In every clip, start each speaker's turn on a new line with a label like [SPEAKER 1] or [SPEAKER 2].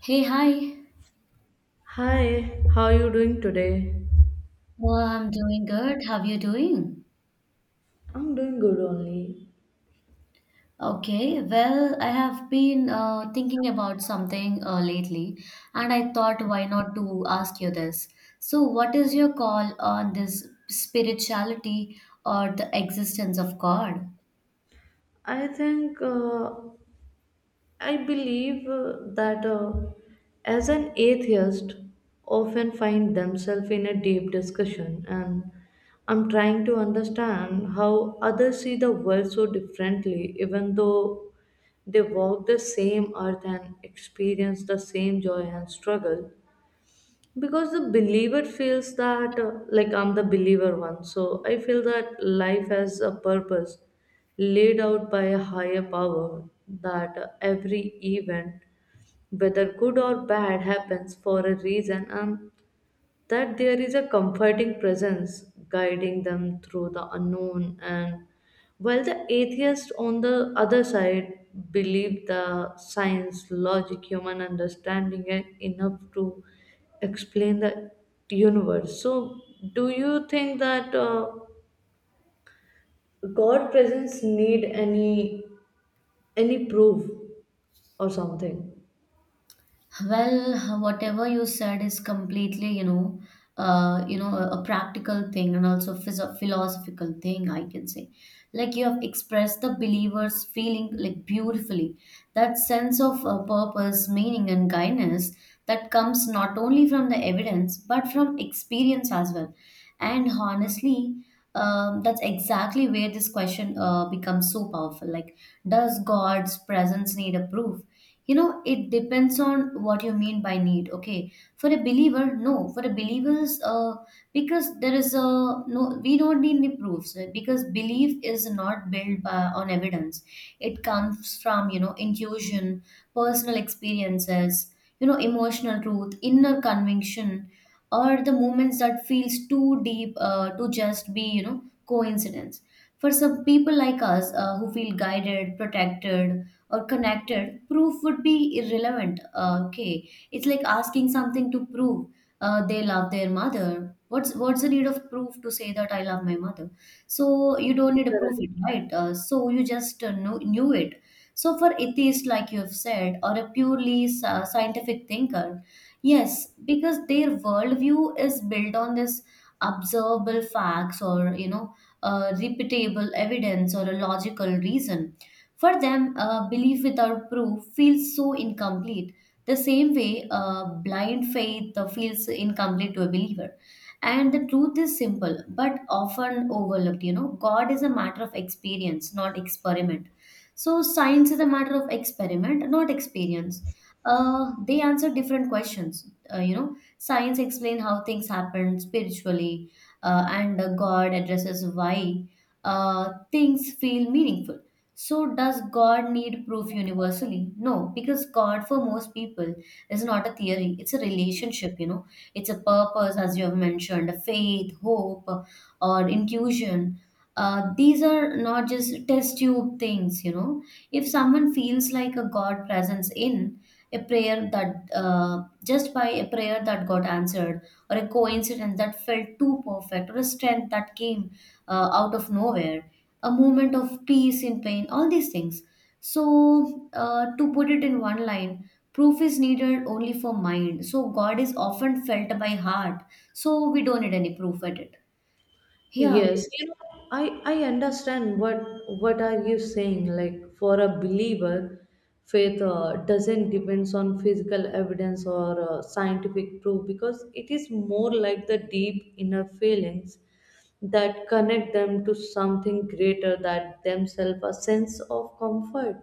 [SPEAKER 1] Hey, hi.
[SPEAKER 2] Hi, how are you doing today?
[SPEAKER 1] Well, I'm doing good. How are you doing?
[SPEAKER 2] I'm doing good only.
[SPEAKER 1] Okay, well, I have been thinking about something lately, and I thought why not to ask you this. So, what is your call on this spirituality or the existence of God?
[SPEAKER 2] I think, I believe that as an atheist, often find themselves in a deep discussion, and I'm trying to understand how others see the world so differently, even though they walk the same earth and experience the same joy and struggle. Because the believer feels that like I'm the believer one, so I feel that life has a purpose laid out by a higher power, that every event, whether good or bad, happens for a reason, and that there is a comforting presence guiding them through the unknown. And while the atheists on the other side believe the science, logic, human understanding are enough to explain the universe. So do you think that god presence need any proof or something?
[SPEAKER 1] Well, whatever you said is completely, you know, a practical thing and also phys- philosophical thing, I can say. Like you have expressed the believer's feeling like beautifully. That sense of purpose, meaning, and guidance that comes not only from the evidence but from experience as well. And honestly, that's exactly where this question becomes so powerful. Like, does God's presence need a proof? You know, it depends on what you mean by need. Okay, for a believer, no. For a believers, because there is a no, we don't need any proofs because belief is not built by, on evidence. It comes from you know intuition, personal experiences, you know, emotional truth, inner conviction, or the moments that feels too deep to just be you know coincidence for some people like us who feel guided, protected, or connected. Proof would be irrelevant, okay. It's like asking something to prove they love their mother. What's the need of proof to say that I love my mother? So you don't need to prove it, right? So you just knew it. So for atheist, like you have said, or a purely sci- scientific thinker, yes, because their worldview is built on this observable facts or you know repeatable evidence or a logical reason. For them, belief without proof feels so incomplete. The same way, blind faith feels incomplete to a believer. And the truth is simple but often overlooked. You know, God is a matter of experience, not experiment. So, science is a matter of experiment, not experience. They answer different questions. You know, science explain how things happen spiritually, and God addresses why things feel meaningful. So, does God need proof universally? No, because God for most people is not a theory; it's a relationship. You know, it's a purpose, as you have mentioned, a faith, hope, or intuition. These are not just test tube things. You know, if someone feels like a God presence in a prayer that just by a prayer that got answered, or a coincidence that felt too perfect, or a strength that came out of nowhere, a moment of peace in pain, all these things. So to put it in one line, proof is needed only for mind, so God is often felt by heart. So we don't need any proof at it, yeah, like,
[SPEAKER 2] Yes, you know, I understand what are you saying. Like for a believer, faith doesn't depends on physical evidence or scientific proof, because it is more like the deep inner feelings that connect them to something greater than themselves, a sense of comfort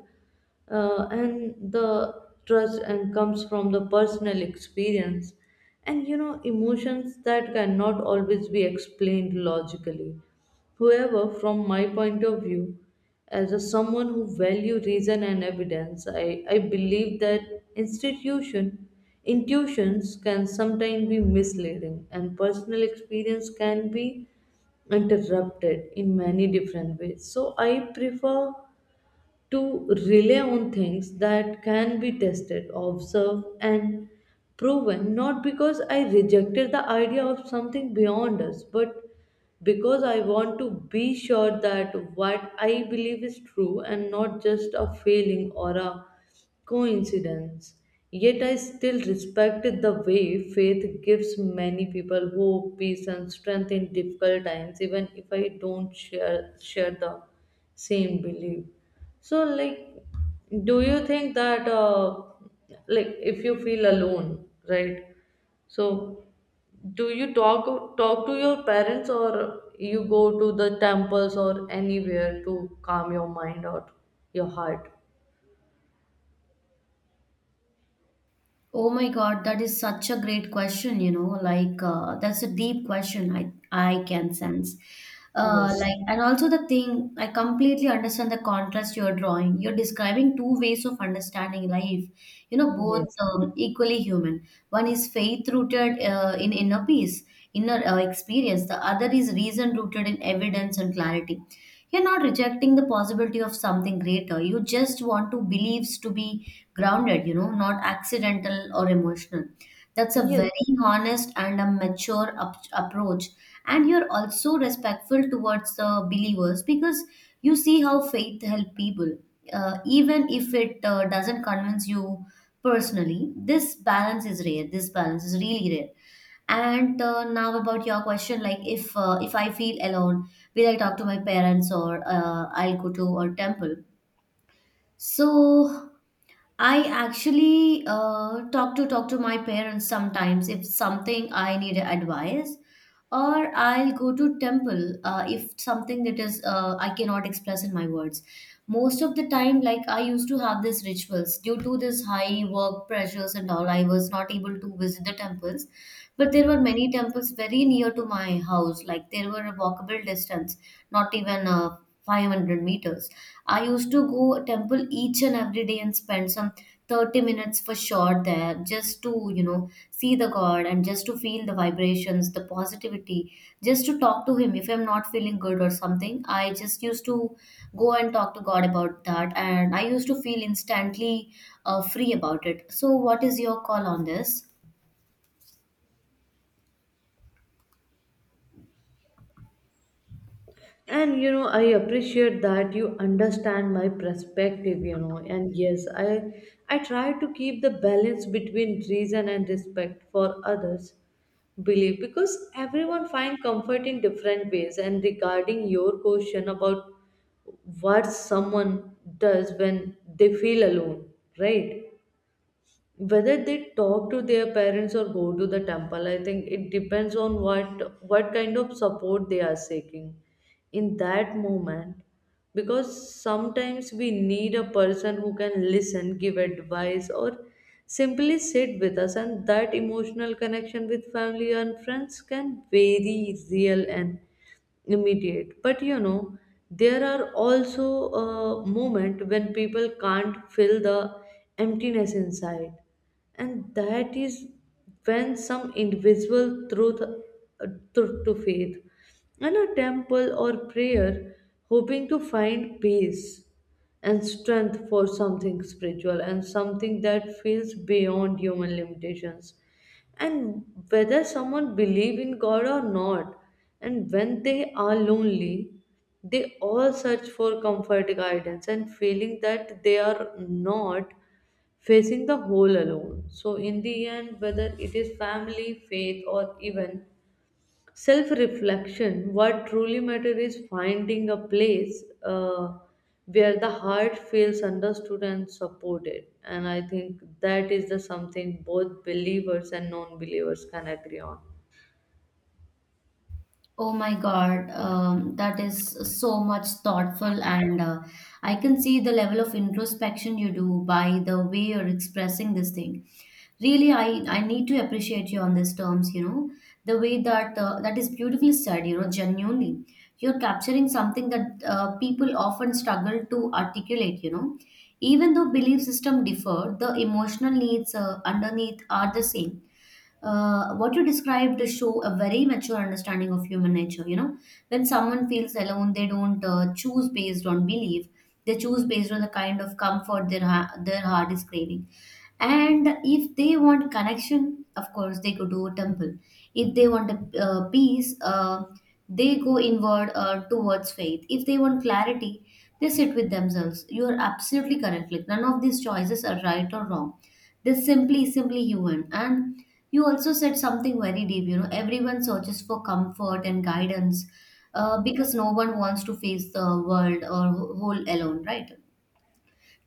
[SPEAKER 2] and the trust and comes from the personal experience and you know emotions that cannot always be explained logically. However, from my point of view as a someone who value reason and evidence, I believe that institution intuitions can sometimes be misleading and personal experience can be interrupted in many different ways. So I prefer to rely on things that can be tested, observed, and proven, not because I rejected the idea of something beyond us, but because I want to be sure that what I believe is true and not just a feeling or a coincidence. Yet I still respected the way faith gives many people hope, peace, and strength in difficult times, even if I don't share the same belief. So, like, do you think that, like, if you feel alone, right? So, do you talk to your parents, or you go to the temples or anywhere to calm your mind or your heart?
[SPEAKER 1] oh my God, that is such a great question. You know, like, that's a deep question. I can sense.
[SPEAKER 2] Yes.
[SPEAKER 1] Like, and also the thing, I completely understand the contrast you're drawing. You're describing two ways of understanding life, you know,
[SPEAKER 2] Yes.
[SPEAKER 1] both equally human. One is faith rooted in inner peace, inner experience, the other is reason rooted in evidence and clarity. You're not rejecting the possibility of something greater. You just want to beliefs to be grounded, you know, not accidental or emotional. That's a
[SPEAKER 2] Yes.
[SPEAKER 1] very honest and a mature up- approach. And you're also respectful towards the believers because you see how faith help people, even if it doesn't convince you personally. This balance is rare. This balance is really rare. And now about your question, like if I feel alone, will I talk to my parents or I'll go to a temple? So I actually talk to my parents sometimes if something I need advice, or I'll go to temple if something that is I cannot express in my words. Most of the time, like I used to have these rituals due to this high work pressures and all, I was not able to visit the temples. But there were many temples very near to my house, like there were a walkable distance, not even 500 meters. I used to go temple each and every day and spend some 30 minutes for sure there, just to, you know, see the God and just to feel the vibrations, the positivity, just to talk to Him if I'm not feeling good or something. I just used to go and talk to God about that, and I used to feel instantly free about it. So, what is your call on this?
[SPEAKER 2] And you know, I appreciate that you understand my perspective, you know. And yes, I try to keep the balance between reason and respect for others. Believe because everyone find comfort in different ways. And regarding your question about what someone does when they feel alone, right, whether they talk to their parents or go to the temple, I think it depends on what kind of support they are seeking in that moment. Because sometimes we need a person who can listen, give advice, or simply sit with us, and that emotional connection with family and friends can very real and immediate. But you know, there are also a moment when people can't fill the emptiness inside, and that is when some invisible truth truth to faith and a temple or prayer, hoping to find peace and strength for something spiritual and something that feels beyond human limitations. And whether someone believe in god or not, and when they are lonely, they all search for comfort, guidance, and feeling that they are not facing the whole alone. So in the end, whether it is family, faith, or even self reflection, what truly matters is finding a place where the heart feels understood and supported. And I think that is the something both believers and non believers can agree on.
[SPEAKER 1] Oh my God, that is so much thoughtful, and I can see the level of introspection you do by the way you're expressing this thing. Really, I need to appreciate you on these terms. You know, the way that that is beautifully said. You know, genuinely, you're capturing something that people often struggle to articulate. You know, even though belief system differ, the emotional needs underneath are the same. What you described show a very mature understanding of human nature. You know, when someone feels alone, they don't choose based on belief, they choose based on the kind of comfort their ha- their heart is craving. And if they want connection, of course they go to a temple. If they want a peace, they go inward towards faith. If they want clarity, they sit with themselves. You are absolutely correct. Like none of these choices are right or wrong. This simply human. And you also said something very deep. You know, everyone searches for comfort and guidance because no one wants to face the world or wh- whole alone, right?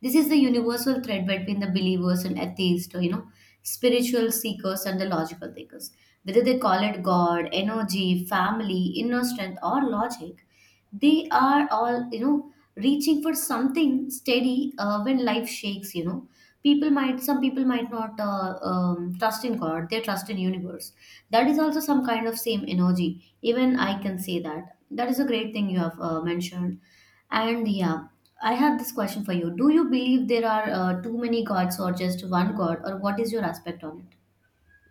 [SPEAKER 1] This is the universal thread between the believers and atheists, or, you know, spiritual seekers and the logical thinkers. Whether they call it God, energy, family, inner strength, or logic, they are all, you know, reaching for something steady when life shakes, you know. Some people might not trust in God, they trust in universe. That is also some kind of same energy. Even I can say that. That is a great thing you have mentioned, and yeah, I have this question for you. Do you believe there are too many gods or just one god, or what is your aspect on it?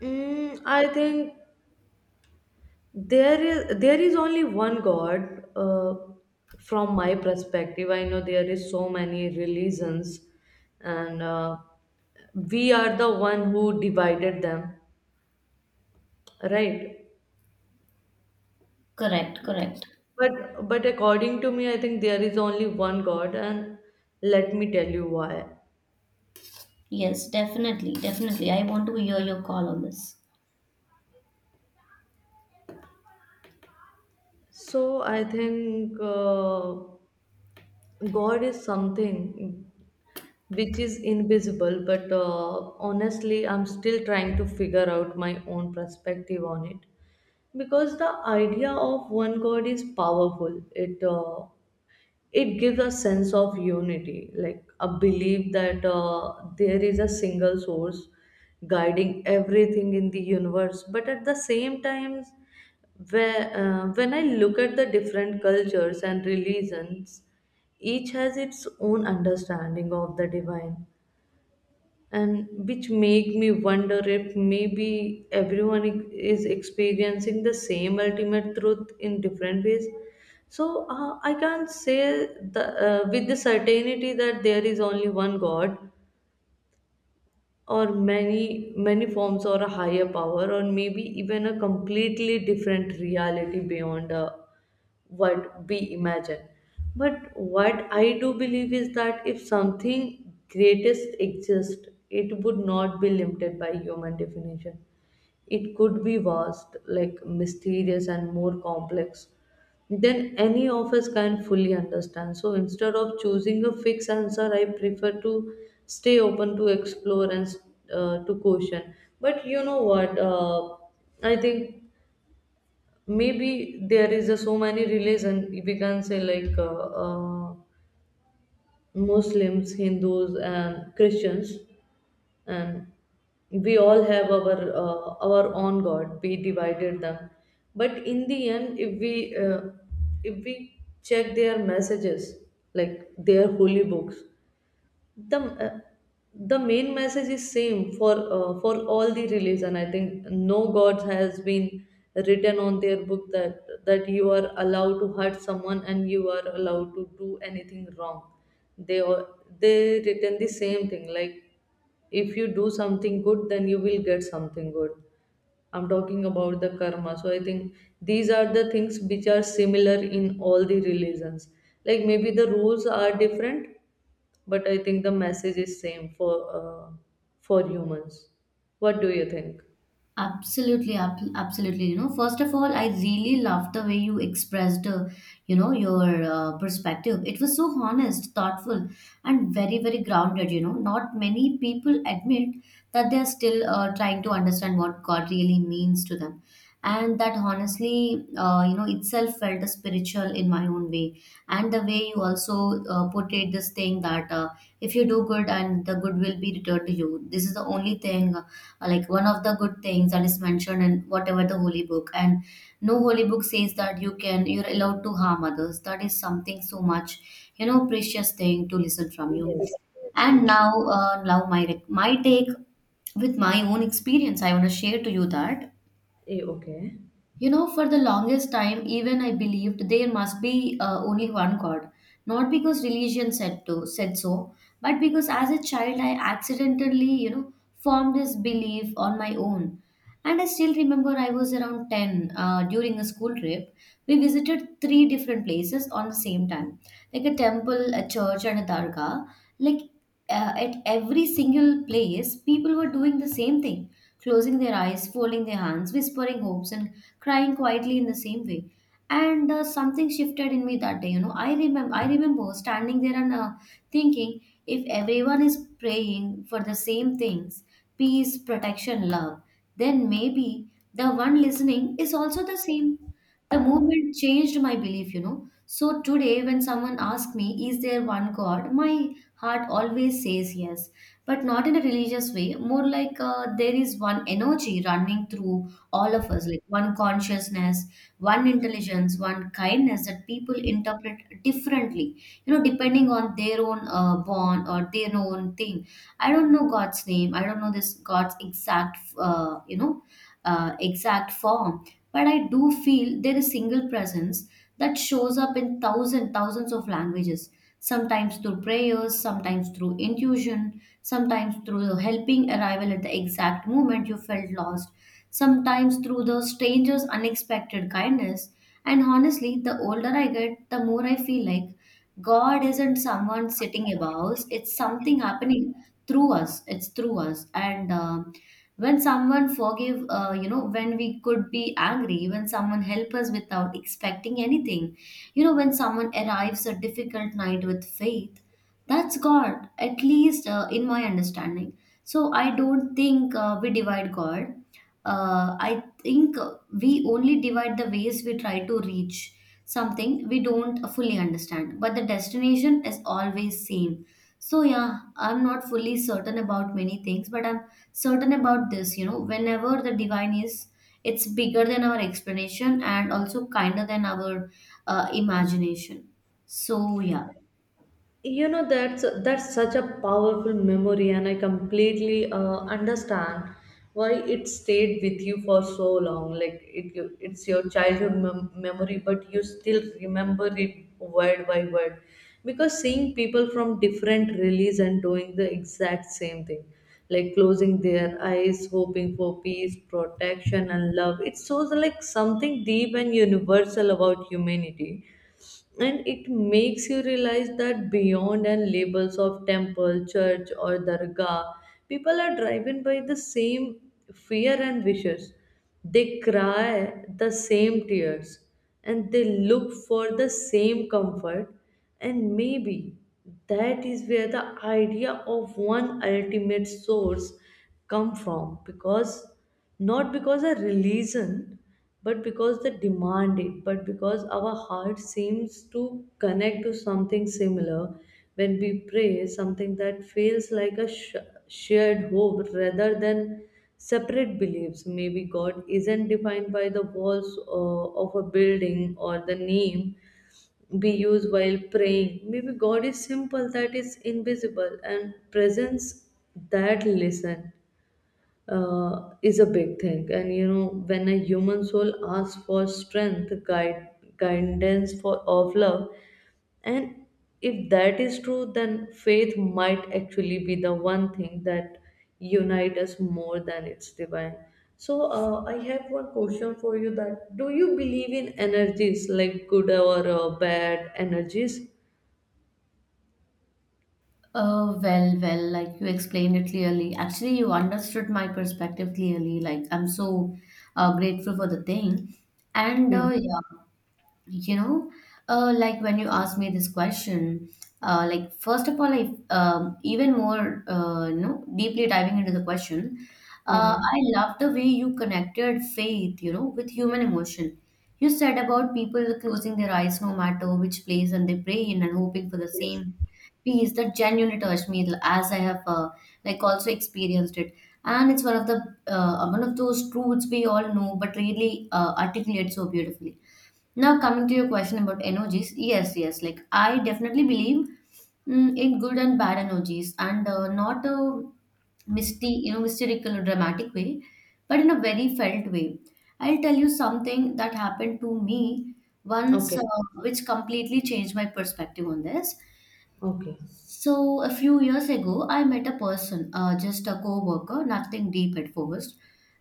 [SPEAKER 2] Mm, I think there is only one God. From my perspective, I know there is so many religions, and we are the one who divided them, right?
[SPEAKER 1] Correct, correct.
[SPEAKER 2] But according to me, I think there is only one God, and let me tell you why.
[SPEAKER 1] Yes, definitely, definitely. I want to hear your call on this.
[SPEAKER 2] So I think God is something which is invisible, but honestly, I'm still trying to figure out my own perspective on it, because the idea of one God is powerful. It gives a sense of unity, like a belief that there is a single source guiding everything in the universe. But at the same time, when I look at the different cultures and religions, each has its own understanding of the divine, and which make me wonder if maybe is experiencing the same ultimate truth in different ways. So I can't say with the certainty that there is only one god or many forms or a higher power or maybe even a completely different reality beyond what we imagine. But what I do believe is that if something greatest exists, it would not be limited by human definition. It could be vast, like mysterious and more complex than any of us can fully understand. So instead of choosing a fixed answer, I prefer to stay open to explore and to question. But you know what, I think maybe there is a, so many religion, if we can say like muslims, hindus, and christians, and we all have our own god, we divided them. But in the end, if we check their messages, like their holy books, the uh, the main message is same for all the religion. I think no god has been written on their book that you are allowed to hurt someone and you are allowed to do anything wrong. they all- they written the same thing, like if you do something good, then you will get something good. I'm talking about the karma. So I think these are the things which are similar in all the religions. Like maybe the rules are different, but I think the message is same for humans. What do you think?
[SPEAKER 1] Absolutely, ab- absolutely. You know, first of all, I really loved the way you expressed, you know, your perspective. It was so honest, thoughtful, and very, very grounded. You know, not many people admit that they're still trying to understand what God really means to them. And that honestly, you know, itself felt spiritual in my own way. And the way you also portrayed this thing that if you do good and the good will be returned to you, this is the only thing, like one of the good things that is mentioned in whatever the holy book. And no holy book says that you can you're allowed to harm others. That is something so much, you know, precious thing to listen from you.
[SPEAKER 2] Yes, yes,
[SPEAKER 1] And
[SPEAKER 2] yes.
[SPEAKER 1] now my rec- my take, with my own experience, I want to share to you that
[SPEAKER 2] Eh, okay.
[SPEAKER 1] you know, for the longest time, even I believed there must be only one God. Not because religion said to said so, but because as a child I accidentally, you know, formed this belief on my own. And I still remember I was around 10 during a school trip. We visited three different places on the same time, like a temple, a church, and a dargah. Like at every single place, people were doing the same thing, closing their eyes, folding their hands, whispering hopes, and crying quietly in the same way. And something shifted in me that day. You know, I remember standing there and thinking, if everyone is praying for the same things, peace, protection, love, then maybe the one listening is also the same. The movement changed my belief, you know. So today, when someone asks me, is there one God? My heart always says yes, but not in a religious way, more like there is one energy running through all of us, like one consciousness, one intelligence, one kindness, that people interpret differently, you know, depending on their own born or their own thing. I don't know God's name, I don't know this God's exact exact form, but I do feel there is single presence that shows up in thousands of languages, sometimes through prayers, sometimes through intuition, sometimes through helping arrival at the exact moment you felt lost, sometimes through the stranger's unexpected kindness. And honestly, the older I get, the more I feel like God isn't someone sitting above us, it's something happening through us. It's through us. And when someone forgive, when we could be angry, when someone help us without expecting anything, when someone arrives a difficult night with faith, that's God, at least in my understanding. So I don't think we divide God. I think we only divide the ways we try to reach something we don't fully understand, but the destination is always same. So yeah, I'm not fully certain about many things, but I'm certain about this. Whenever the divine is, it's bigger than our explanation and also kinder than our imagination. So yeah.
[SPEAKER 2] You know, that's such a powerful memory, and I completely understand why it stayed with you for so long. Like it's your childhood memory, but you still remember it word by word, because seeing people from different release and doing the exact same thing, like closing their eyes, hoping for peace, protection, and love, it shows like something deep and universal about humanity. And it makes you realize that beyond and labels of temple, church, or dargah, people are driven by the same fear and wishes, they cry the same tears, and they look for the same comfort. And maybe that is where the idea of one ultimate source come from, because not because a religion, but because they demand it, but because our heart seems to connect to something similar. When we pray, something that feels like a shared hope rather than separate beliefs. Maybe god isn't defined by the walls of a building or the name we use while praying. Maybe god is simple, that is invisible and presence that listen is a big thing. And you know, when a human soul asks for guidance for of love, and if that is true, then faith might actually be the one thing that unite us more than it's divine. So I have one question for you: that do you believe in energies like good or bad energies?
[SPEAKER 1] Oh, well, well, like you explained it clearly. Actually, you understood my perspective clearly. Like, I'm so grateful for the thing. And
[SPEAKER 2] Hmm.
[SPEAKER 1] yeah, you know like when you asked me this question, like first of all I even more deeply diving into the question,
[SPEAKER 2] Hmm.
[SPEAKER 1] I love the way you connected faith with human emotion. You said about people closing their eyes no matter which place and they pray in and hoping for the
[SPEAKER 2] Yes.
[SPEAKER 1] same peace that genuinely touched me, as I have like also experienced it. And it's one of those truths we all know but really articulate so beautifully. Now, coming to your question about energies, yes, yes, like I definitely believe, in good and bad energies, and not a misty, mystical or dramatic way, but in a very felt way. I'll tell you something that happened to me once,
[SPEAKER 2] Okay.
[SPEAKER 1] which completely changed my perspective on this.
[SPEAKER 2] Okay.
[SPEAKER 1] So a few years ago, I met a person, just a coworker, nothing deep at first.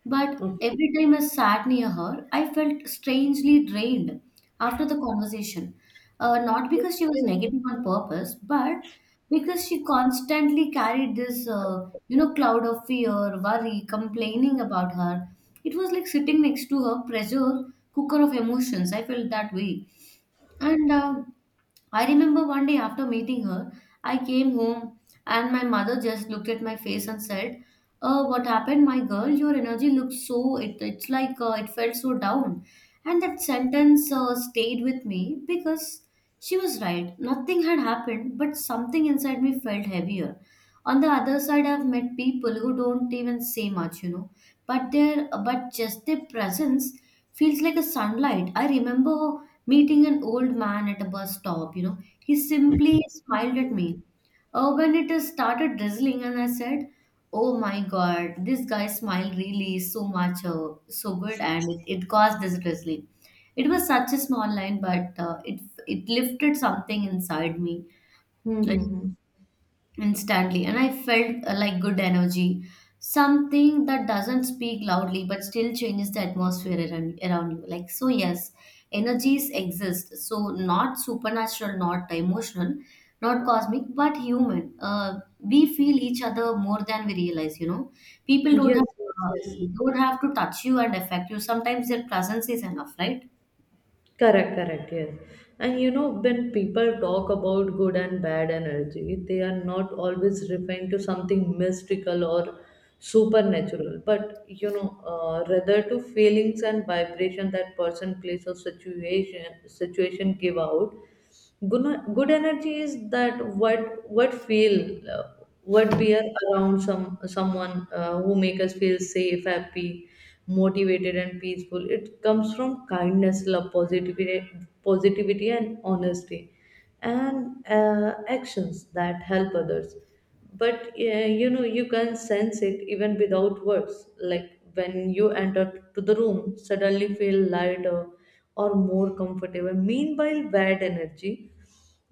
[SPEAKER 1] But
[SPEAKER 2] Okay.
[SPEAKER 1] every time I sat near her, I felt strangely drained after the conversation. Not because she was negative on purpose, but because she constantly carried this, cloud of fear, worry, complaining about her. It was like sitting next to her pressure cooker of emotions. I felt that way. And I remember one day after meeting her, I came home and my mother just looked at my face and said, "What happened, my girl? Your energy looks so, it's like, it felt so down." And that sentence stayed with me because she was right. Nothing had happened, but something inside me felt heavier. On the other side, I've met people who don't even say much, but their but just their presence feels like a sunlight. I remember meeting an old man at a bus stop. He simply smiled at me. When it started drizzling, and I said, "Oh my God, this guy smiled really so much, so good, and it caused this drizzling." It was such a small line, but it lifted something inside me. Like,
[SPEAKER 2] Mm-hmm.
[SPEAKER 1] instantly. And I felt, like, good energy, something that doesn't speak loudly but still changes the atmosphere around you. Like, so yes, energies exist. So not supernatural, not emotional, not cosmic, but human. We feel each other more than we realize, people
[SPEAKER 2] Yes, yes,
[SPEAKER 1] uh,
[SPEAKER 2] yes.
[SPEAKER 1] don't have to touch you and affect you. Sometimes their presence is enough, right?
[SPEAKER 2] Correct, correct, yes. And you know, when people talk about good and bad energy, they are not always referring to something mystical or supernatural, but you know, rather to feelings and vibration that person, place, or situation give out. Good, good energy is that what feel uh, what we are around someone who make us feel safe, happy, motivated, and peaceful. It comes from kindness, love, positivity, and honesty, and actions that help others. But you know, you can sense it even without words, like when you enter to the room, suddenly feel lighter or more comfortable. Meanwhile, bad energy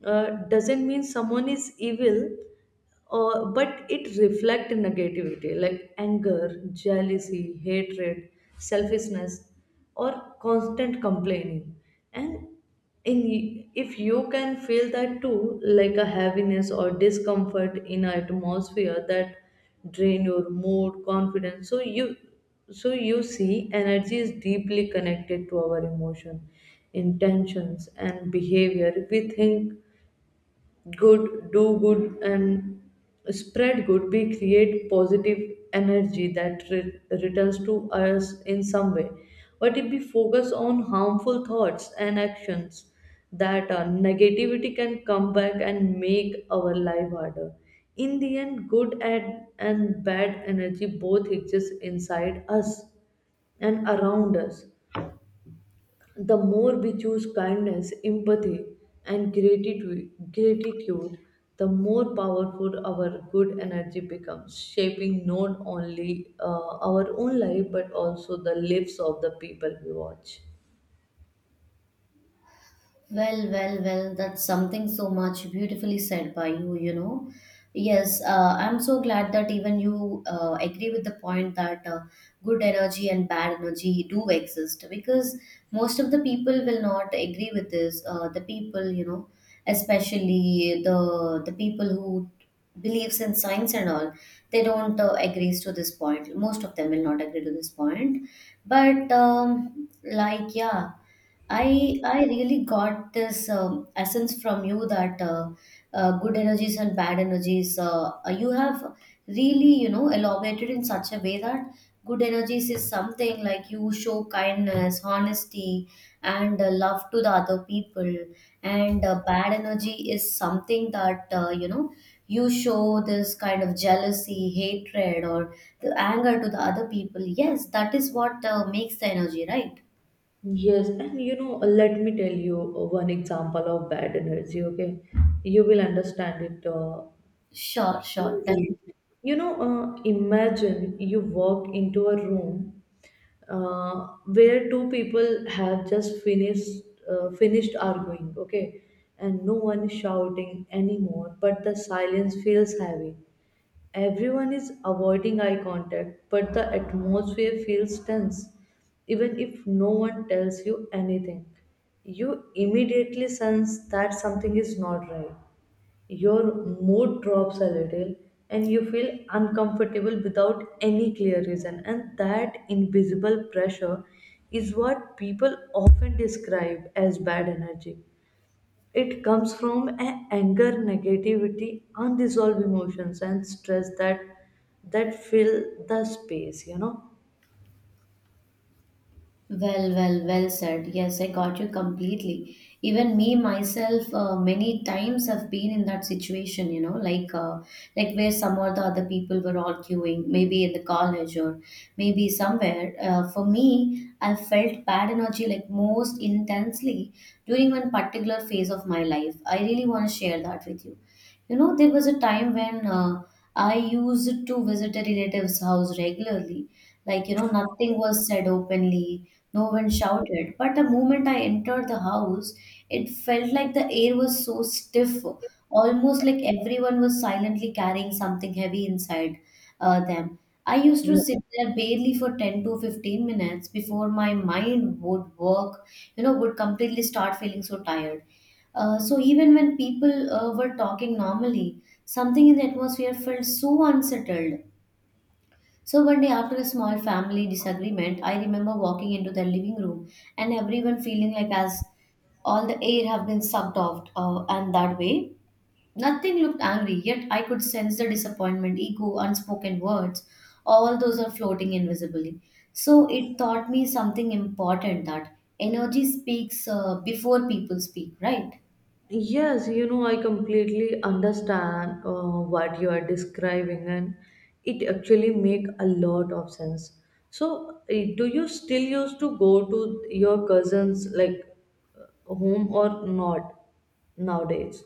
[SPEAKER 2] doesn't mean someone is evil, but it reflects negativity, like anger, jealousy, hatred, selfishness, or constant complaining. And in, if you can feel that too, like a heaviness or discomfort in an atmosphere that drain your mood, confidence. So you, so you see energy is deeply connected to our emotion, intentions, and behavior. We think good, do good, and spread good, we create positive energy that returns to us in some way. But if we focus on harmful thoughts and actions, that negativity can come back and make our life harder. In the end, good and bad energy both exist inside us and around us. The more we choose kindness, empathy, and gratitude, the more powerful our good energy becomes, shaping not only our own life but also the lives of the people we watch.
[SPEAKER 1] Well, well, well, that's something so much beautifully said by you, you know. Yes, I'm so glad that even you agree with the point that good energy and bad energy do exist, because most of the people will not agree with this. The people, especially the people who believes in science and all, they don't agree to this point. Most of them will not agree to this point. But like, yeah. I really got this essence from you that, good energies and bad energies. You have really elaborated in such a way that good energies is something like you show kindness, honesty, and love to the other people, and bad energy is something that you show this kind of jealousy, hatred, or the anger to the other people. Yes, that is what makes the energy right.
[SPEAKER 2] Yes, and you know, let me tell you one example of bad energy, okay? You will understand it.
[SPEAKER 1] Sure, sure.
[SPEAKER 2] You know, imagine you walk into a room where two people have just finished arguing, okay, and no one is shouting anymore, but the silence feels heavy. Everyone is avoiding eye contact, but the atmosphere feels tense, even if no one tells you anything. You immediately sense that something is not right, your mood drops a little, and you feel uncomfortable without any clear reason. And that invisible pressure is what people often describe as bad energy. It comes from anger, negativity, unresolved emotions, and stress that fill the space, you know.
[SPEAKER 1] Well, well, well said. Yes, I got you completely. Even me myself, many times have been in that situation. Like where some or the other people were arguing, maybe in the college or maybe somewhere. For me, I felt bad energy like most intensely during one particular phase of my life. I really want to share that with you. There was a time when I used to visit a relative's house regularly. Like, nothing was said openly, no one shouted, but the moment I entered the house, it felt like the air was so stiff, almost like everyone was silently carrying something heavy inside them. I used to
[SPEAKER 2] Yeah.
[SPEAKER 1] sit there barely for 10 to 15 minutes before my mind would work, would completely start feeling so tired. So even when people were talking normally, something in the atmosphere felt so unsettled. So one day after a small family disagreement, I remember walking into the living room and everyone feeling like as all the air have been sucked off, and that way nothing looked angry, yet I could sense the disappointment, ego, unspoken words, all those are floating invisibly. So it taught me something important, that energy speaks before people speak, right?
[SPEAKER 2] Yes, you know, I completely understand what you are describing, and it actually make a lot of sense. So, eh, do you still used to go to your cousins like home or not nowadays?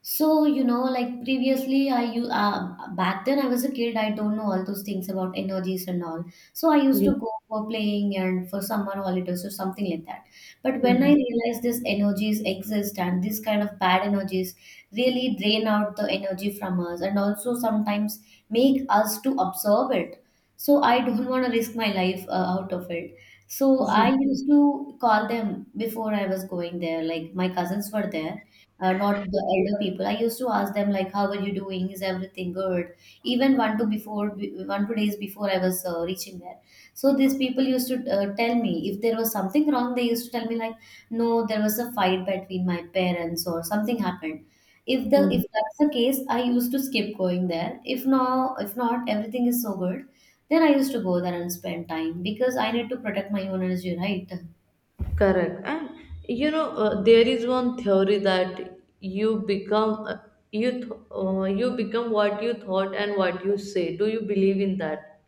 [SPEAKER 1] So, like previously, I you back then I was a kid. I don't know all those things about energies and all. So I used
[SPEAKER 2] Yeah.
[SPEAKER 1] to go for playing and for summer holidays or something like that. But when I
[SPEAKER 2] Mhm.
[SPEAKER 1] realized these energies exist and these kind of bad energies really drain out the energy from us and also sometimes make us to absorb it. So I don't want to risk my life out of it. So I used to call them before I was going there. Like my cousins were there, not the elder people. I used to ask them like, "How are you doing? Is everything good?" Even one two before, one two days before I was reaching there. So these people used to tell me if there was something wrong. They used to tell me like, "No, there was a fight between my parents or something happened." If the
[SPEAKER 2] Mhm.
[SPEAKER 1] if that's the case, I used to skip going there. If not, everything is so good. Then I used to go there and spend time, because I need to protect my own energy, right?
[SPEAKER 2] Correct. And you know, there is one theory that you become you become what you thought and what you say. Do you believe in that?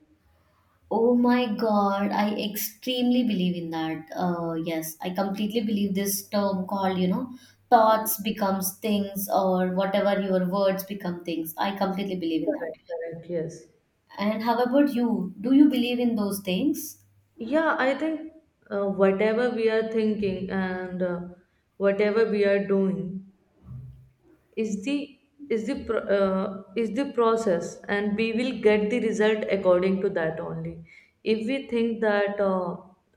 [SPEAKER 1] Oh my God, I extremely believe in that. Yes, I completely believe this term called, thoughts becomes things or whatever your words become things. I completely believe in that.
[SPEAKER 2] Correct. Correct. Yes.
[SPEAKER 1] And how about you? Do you believe in those things?
[SPEAKER 2] Yeah, I think whatever we are thinking and whatever we are doing, is the is the process, and we will get the result according to that only. If we think that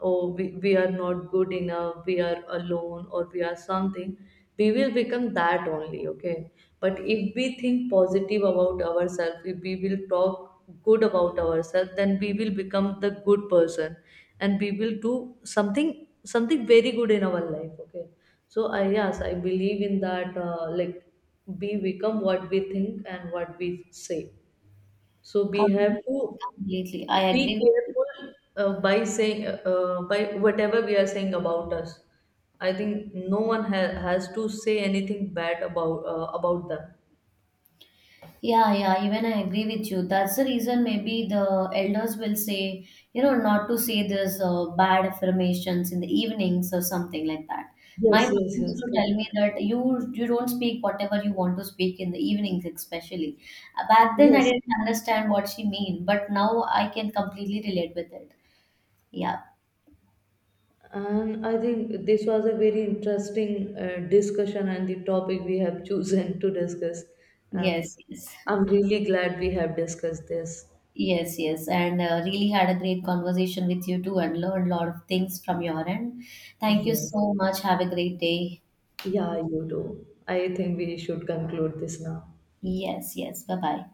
[SPEAKER 2] oh, we are not good enough, we are alone, or we are something, we will become that only, okay. But if we think positive about ourselves, if we will talk good about ourselves, then we will become the good person, and we will do something very good in our life, okay. So I, yes, I believe in that. Like we become what we think and what we say. So we
[SPEAKER 1] Completely,
[SPEAKER 2] have to
[SPEAKER 1] completely. I
[SPEAKER 2] be
[SPEAKER 1] agree with you.
[SPEAKER 2] careful by saying by whatever we are saying about us. I think no one has to say anything bad about them.
[SPEAKER 1] Yeah, yeah, even I agree with you. That's the reason maybe the elders will say, not to say this bad affirmations in the evenings or something like that. My
[SPEAKER 2] Yes,
[SPEAKER 1] mom
[SPEAKER 2] yes,
[SPEAKER 1] used
[SPEAKER 2] yes.
[SPEAKER 1] to tell me
[SPEAKER 2] Correct.
[SPEAKER 1] that you don't speak whatever you want to speak in the evenings, especially. Back then, I
[SPEAKER 2] Yes,
[SPEAKER 1] didn't understand what she mean, but now I can completely relate with it. Yeah.
[SPEAKER 2] and I think this was a very interesting discussion and the topic we have chosen to discuss. Um,
[SPEAKER 1] Yes, yes.
[SPEAKER 2] I'm really glad we have discussed this.
[SPEAKER 1] Yes, yes. And really had a great conversation with you too and learned a lot of things from your end. Thank you
[SPEAKER 2] Yes.
[SPEAKER 1] so much. Have a great day.
[SPEAKER 2] Yeah, you do. I think we should conclude this now.
[SPEAKER 1] Yes, yes. Bye bye.